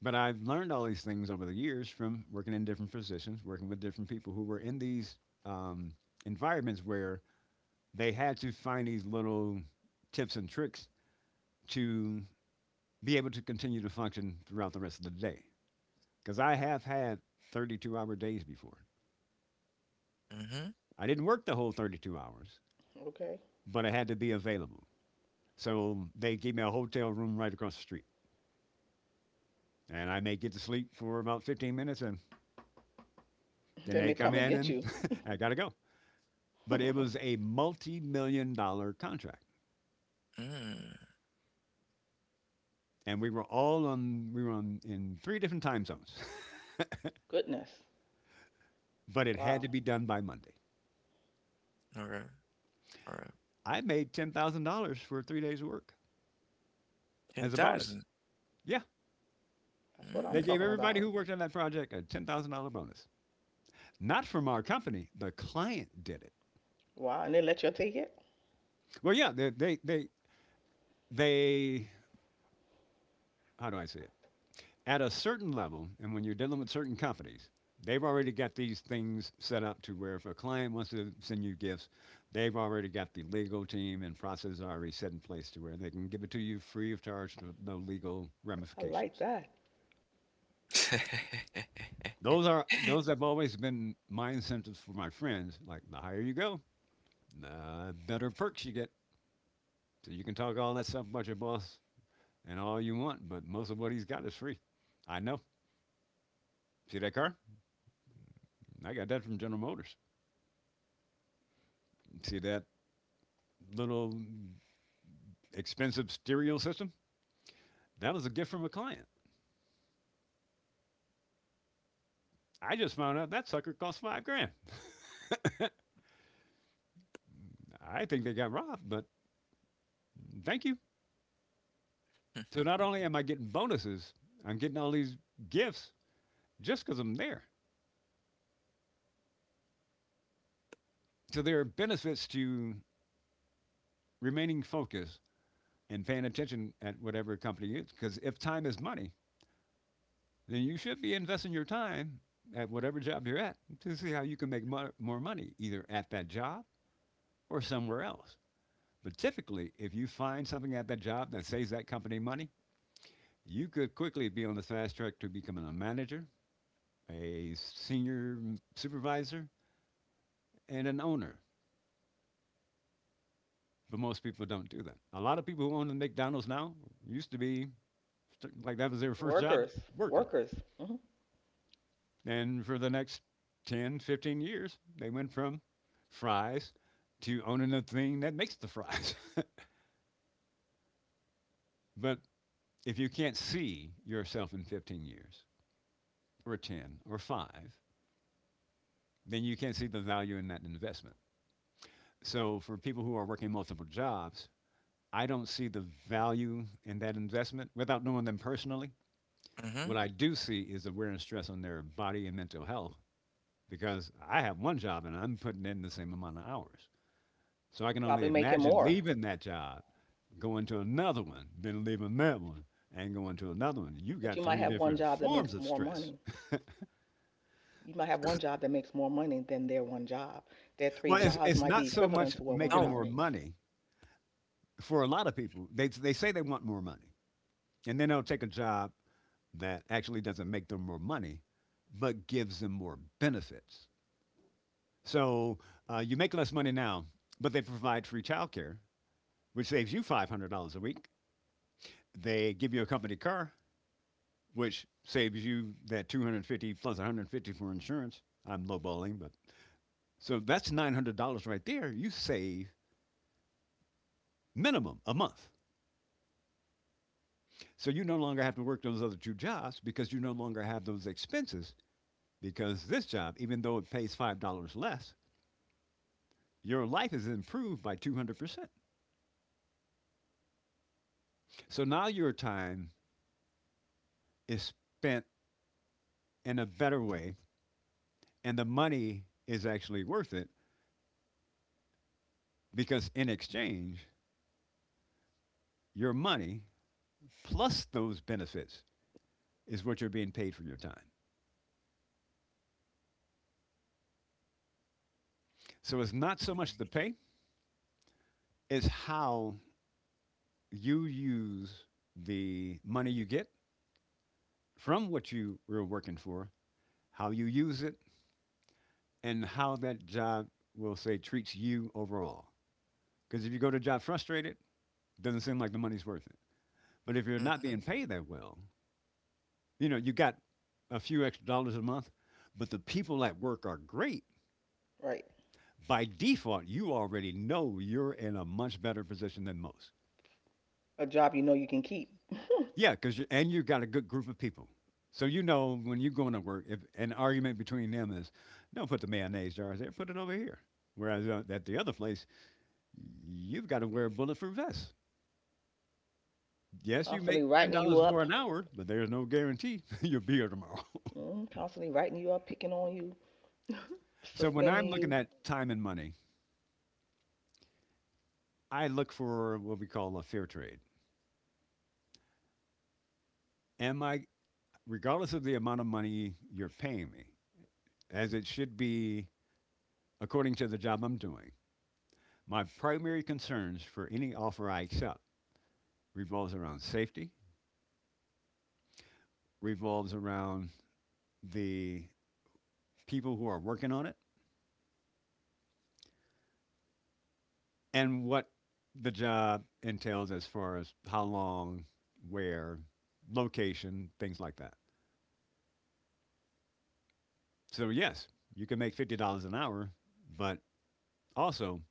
But I've learned all these things over the years from working in different positions, working with different people who were in these um, environments where they had to find these little tips and tricks to be able to continue to function throughout the rest of the day. Because I have had 32-hour days before.
Hmm.
I didn't work the whole 32 hours,
Okay.
but I had to be available. So they gave me a hotel room right across the street, and I may get to sleep for about 15 minutes, and then
Then
they
they
come
come and
in
get
and
you.
I gotta go. But it was a multi-million-dollar contract,
Mm,
and we were on in three different time zones,
Goodness.
but it had
Wow.
to be done by Monday.
okay, alright.
I made $10,000 for 3 days of work
It
as a bonus.
doesn't.
Yeah,
That's what I'm
they
Mm.
gave
talking
everybody
about.
who worked on that project a $10,000 bonus, not from our company. The client did it.
Wow. And they let you take it?
Well, yeah, they how do I say it? At a certain level, and when you're dealing with certain companies, they've already got these things set up to where if a client wants to send you gifts, they've already got the legal team and process already set in place to where they can give it to you free of charge with no legal
I like
ramifications.
that.
Those have always been my incentives for my friends. Like the higher you go, the better perks you get. So you can talk all that stuff about your boss and all you want, but most of what he's got is free. I know. See that car? I got that from General Motors. See that little expensive stereo system. That was a gift from a client. I just found out that sucker cost 5 grand. I think they got robbed, but thank you. So not only am I getting bonuses, I'm getting all these gifts just because I'm there. So there are benefits to remaining focused and paying attention at whatever company you. Because if time is money, then you should be investing your time at whatever job you're at to see how you can make more money, either at that job or somewhere else. But typically, if you find something at that job that saves that company money, you could quickly be on the fast track to becoming a manager, a senior supervisor, and an owner. But most people don't do that. A lot of people who own the McDonald's now used to be that was their first job
Workers.
working.
Workers. Hmm.
And for the next 10, 15 years, they went from fries to owning the thing that makes the fries. But if you can't see yourself in 15 years, or 10, or 5, then you can't see the value in that investment. So for people who are working multiple jobs, I don't see the value in that investment without knowing them personally.
Mm-hmm.
What I do see is the wear and stress on their body and mental health because I have one job and I'm putting in the same amount of hours. So I can only
Probably making
imagine
more.
leaving that job, going to another one, then leaving that one, and going to another one. You
But
got
you might
three
have one
different
job that
forms
makes
of
more
stress.
money. You might have one job that makes more money than their one job. Their three
Well, it's,
jobs
it's
might be
not so
equivalent
much
to what one
making
No.
job
more
makes.
money for a lot of people. They say they want more money, and then they'll take a job that actually doesn't make them more money, but gives them more benefits. So you make less money now, but they provide free childcare, which saves you $500 a week. They give you a company car, which saves you that $250 plus $150 for insurance. I'm lowballing, but so that's $900 right there. You save minimum a month. So you no longer have to work those other two jobs because you no longer have those expenses. Because this job, even though it pays $5 less, your life is improved by 200%. So now your time is spent in a better way, and the money is actually worth it because in exchange, your money plus those benefits is what you're being paid for your time. So it's not so much the
Okay.
pay, it's how you use the money you get from what you were working for, how you use it, and how that job will say treats you overall. Because if you go to a job frustrated, doesn't seem like the money's worth it. But if you're not
Mm-hmm.
being paid that well, you know, you got a few extra dollars a month, but the people at work are great.
Right.
By default, you already know you're in a much better position than most.
A job you know you can keep.
Yeah, because and you have got a good group of people. So you know when you're going to work, if an argument between them is, don't put the mayonnaise jars there, put it over here. Whereas at the other place, you've got to wear a bulletproof vest. Yes, you make
Constantly writing you
$10 more
up.
an hour, but there's no guarantee you'll be here tomorrow.
Picking on you,
So when I'm
suspending
looking
you.
at time and money, I look for what we call a fair trade. Am I, regardless of the amount of money you're paying me, as it should be according to the job I'm doing, my primary concerns for any offer I accept revolves around safety, revolves around the people who are working on it, and what the job entails as far as how long, where, location, things like that. So, yes, you can make $50 an hour, but also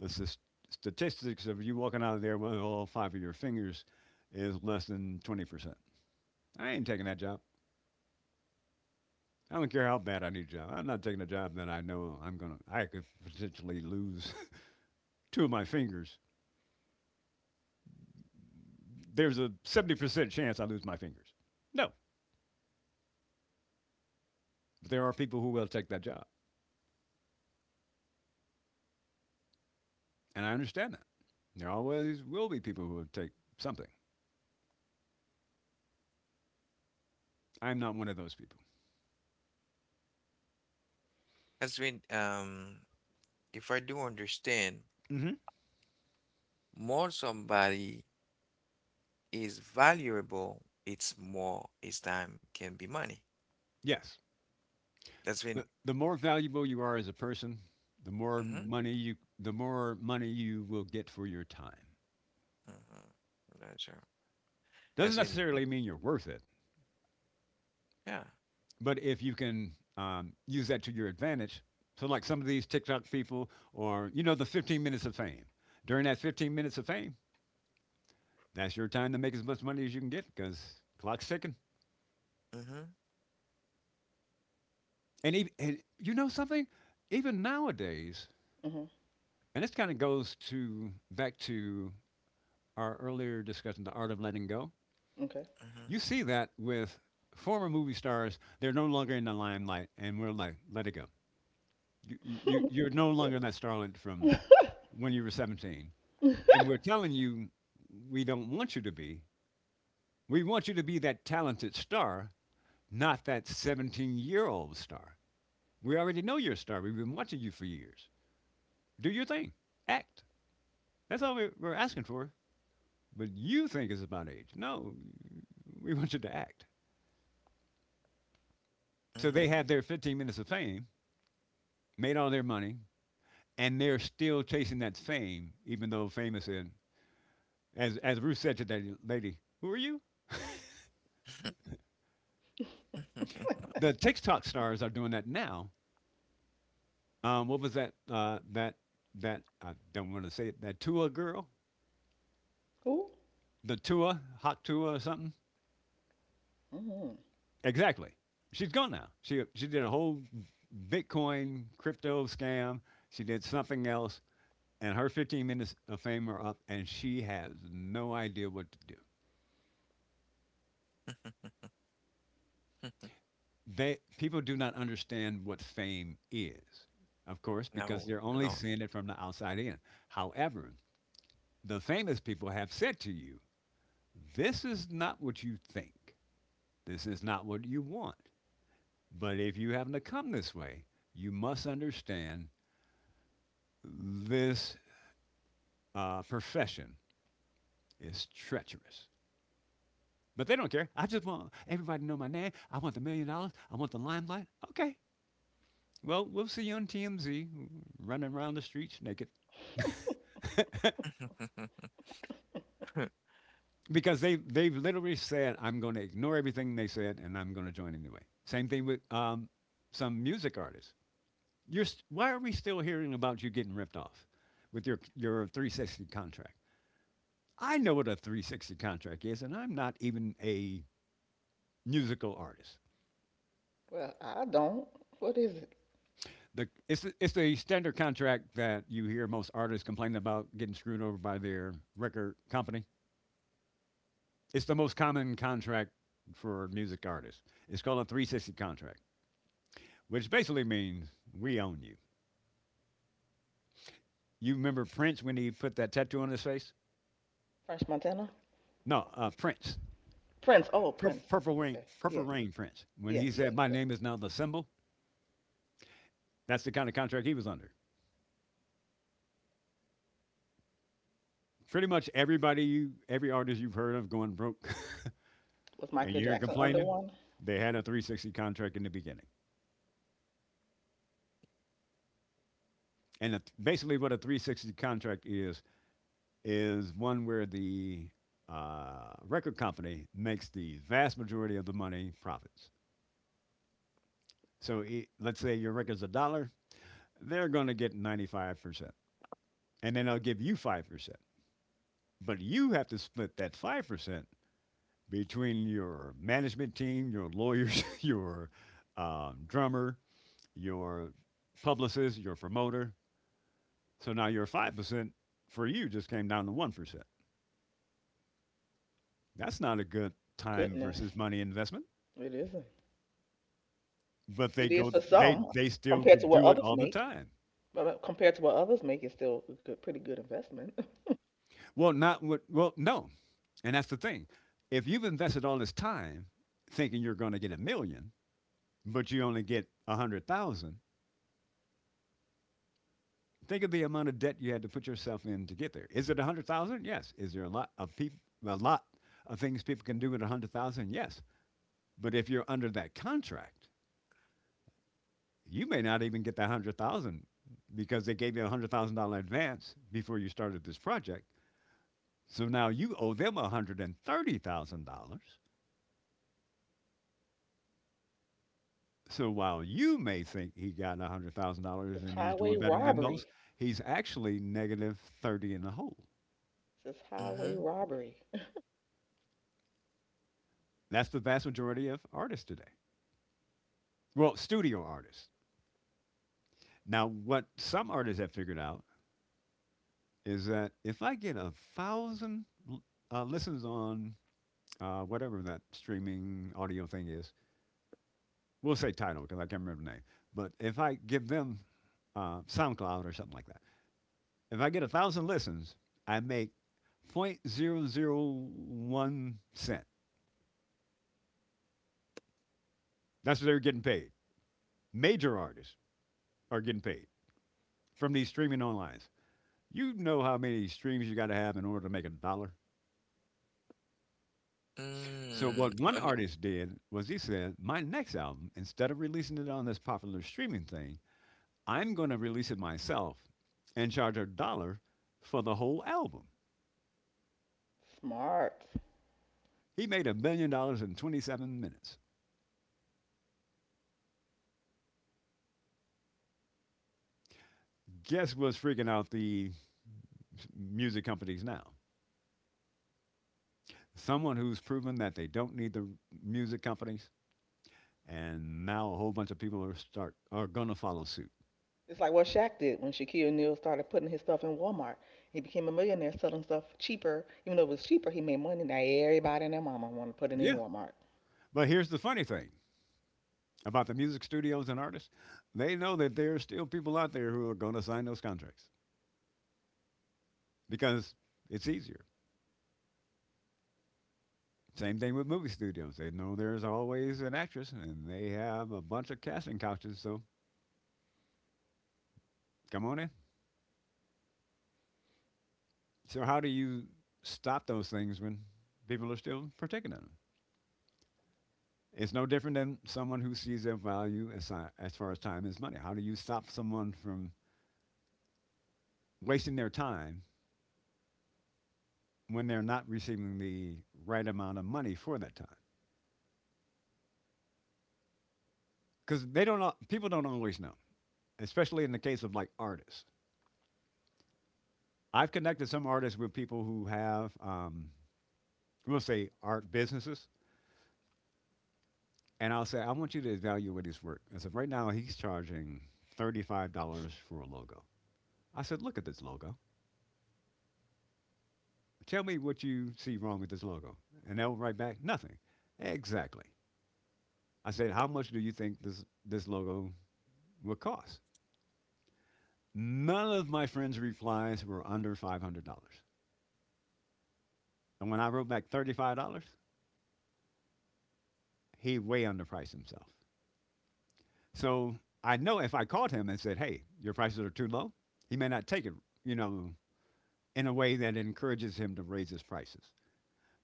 the statistics of you walking out of there with all five of your fingers is less than 20%. I ain't taking that job. I don't care how bad I need a job. I'm not taking a job that I know I'm going to, I could potentially lose two of my fingers. There's a 70% chance I lose my fingers. No, but there are people who will take that job. And I understand that. There always will be people who will take something. I'm not one of those people.
That's when, if I do understand,
Hmm.
more somebody is valuable, it's more his time can be money.
Yes.
That's when,
But the more valuable you are as a person,
mm-hmm.
the more money you will get for your time.
Mm-hmm. That's true.
Doesn't
That's when,
necessarily mean you're worth it,
yeah.
but if you can use that to your advantage, so like some of these TikTok people, or you know the 15 minutes of fame. During that 15 minutes of fame, that's your time to make as much money as you can get because clock's ticking.
Mm-hmm.
And you know something, even nowadays,
Hmm.
and this kind of goes to back to our earlier discussion, the art of letting go.
Okay.
You
Mm-hmm.
see that with former movie stars. They're no longer in the limelight, and we're like, let it go. You're no longer that starlet from
Yeah.
when you were 17. And we're telling you, we don't want you to be. We want you to be that talented star, not that 17-year-old star. We already know you're a star. We've been watching you for years. Do your thing, act. That's all we're asking for. But you think it's about age. No, we want you to act. So they
Mm-hmm.
had their 15 minutes of fame, made all their money, and they're still chasing that fame, even though fame is in. As Ruth said to that lady, who are you? The TikTok stars are doing that now. What was that? That that I don't want to say it. That Tua girl,
Who?
the Tua Hot Tua or something.
Hmm.
Exactly. She's gone now. She did a whole Bitcoin crypto scam. She did something else. And her 15 minutes of fame are up, and she has no idea what to do. They people do not understand what fame is, of course, because
No,
they're only
no.
seeing it from the outside in. However, the famous people have said to you, "This is not what you think. This is not what you want. But if you happen to come this way, you must understand this profession is treacherous." But they don't care. I just want everybody to know my name. I want the $1,000,000. I want the limelight. Okay. Well, we'll see you on TMZ running around the streets naked.
Mm-hmm.
Because they've literally said, I'm going to ignore everything they said and I'm going to join anyway. Same thing with some music artists. Why are we still hearing about you getting ripped off with your 360 contract? I know what a 360 contract is, and I'm not even a musical artist.
Well, I don't. What is it?
The It's the standard contract that you hear most artists complain about getting screwed over by their record company. It's the most common contract for music artists. It's called a 360 contract, which basically means we own you. You remember Prince when he put that tattoo on his face?
French Montana?
No, Prince,
Prince. Oh, Prince.
Purple Rain,
Okay.
Purple
Yeah.
Rain Prince. When
Yeah.
he
Yeah.
said, "My
Yeah.
name is now the symbol," that's the kind of contract he was under. Pretty much every artist you've heard of going broke,
Was
and
Michael
you're
Jackson under
complaining,
one?
they had a 360 contract in the beginning. And it, basically, what a 360 contract is one where the record company makes the vast majority of the money profits. So I let's say your record's a dollar, they're going to get 95%. And then they'll give you 5%. But you have to split that 5% between your management team, your lawyers, your drummer, your publicist, your promoter. So now your 5% for you just came down to 1%. That's not a good time
Goodness.
versus money investment.
It isn't.
But they
It is
go,
for some
they still go
compared to what
do it
others
all the
make.
time.
But compared to what others make, it's still a good, pretty good investment.
Well, not what. Well, no, and that's the thing. If you've invested all this time thinking you're going to get a million, but you only get a hundred thousand, think of the amount of debt you had to put yourself in to get there. Is it a hundred thousand? Yes. Is there a lot of people, a lot of things people can do with a hundred thousand? Yes. But if you're under that contract, you may not even get that $100,000 because they gave you a $100,000 advance before you started this project. So now you owe them $130,000. So while you may think he got $100,000
It's
and he's doing
highway
better than most,
robbery.
he's actually negative 30 in the hole.
It's highway robbery.
That's the vast majority of artists today. Well, studio artists. Now, what some artists have figured out is that if I get a thousand listens on whatever that streaming audio thing is, we'll say title because I can't remember the name. But if I give them SoundCloud or something like that, if I get a thousand listens, I make 0.00 0.001 cent. That's what they're getting paid. Major artists are getting paid from these streaming online. You know how many streams you got to have in order to make a dollar. So
Mm.
what one
On
artist did was he said, "My next album, instead of releasing it on this popular streaming thing, I'm going to release it myself and charge a dollar for the whole album."
Smart.
He made a billion dollars in 27 minutes. Guess what's freaking out the music companies now? Someone who's proven that they don't need the music companies, and now a whole bunch of people are gonna follow suit.
It's like what Shaq did when Shaquille O'Neal started putting his stuff in Walmart. He became a millionaire selling stuff cheaper. Even though it was cheaper, he made money. Now everybody and their mama want to put it in
Yeah,
Walmart.
but here's the funny thing about the music studios and artists: they know that there are still people out there who are gonna sign those contracts because it's easier. Same thing with movie studios; they know there's always an actress, and they have a bunch of casting couches. So come on in. So how do you stop those things when people are still partaking in them? It's no different than someone who sees their value as, as far as time is money. How do you stop someone from wasting their time when they're not receiving the right amount of money for that time? Because they don't. People don't always know, especially in the case of like artists. I've connected some artists with people who have, we'll say, art businesses, and I'll say, I want you to evaluate his work. I said, right now he's charging $35 for a logo. I said, look at this logo. Tell me what you see wrong with this logo. And they'll write back, nothing. Exactly. I said, how much do you think this logo will cost? None of my friend's replies were under $500. And when I wrote back $35, he way underpriced himself. So I know if I called him and said, hey, your prices are too low, he may not take it, you know, in a way that encourages him to raise his prices.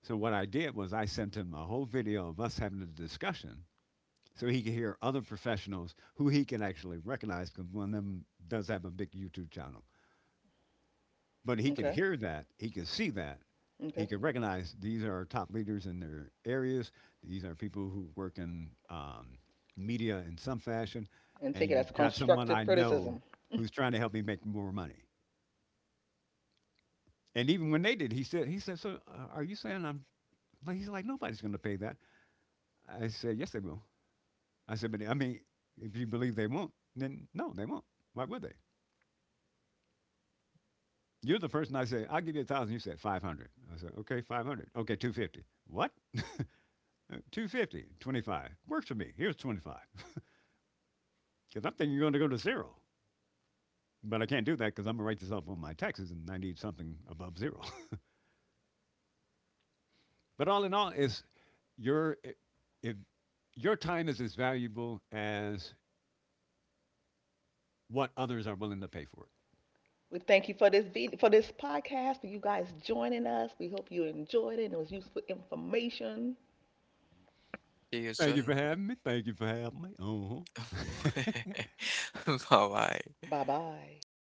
So what I did was I sent him a whole video of us having a discussion so he can hear other professionals who he can actually recognize because one of them does have a big YouTube channel. But he can
Okay,
hear that, he can see that, he
okay,
can recognize these are top leaders in their areas. These are people who work in media in some fashion,
and
and
take it as
you've got someone
constructive
I know
criticism.
who's trying to help me make more money. And even when they did, he said, so are you saying I'm? Like, he's like, nobody's going to pay that. I said, yes, they will. I said, but I mean, if you believe they won't, then no, they won't. Why would they? You're the person I say, I'll give you a thousand. You said 500. I said, okay, 500. Okay, 250. What? 250, 25. Works for me. Here's 25. Because I'm thinking you're going to go to zero. But I can't do that because I'm going to write this off on my taxes and I need something above zero. But all in all, is your, if your time is as valuable as what others are willing to pay for it.
We thank you for this video, for this podcast, for you guys joining us. We hope you enjoyed it and it was useful information.
your
Thank you
son.
for having me. Thank you for having me. Uh huh. Bye
很好玩。
Bye bye.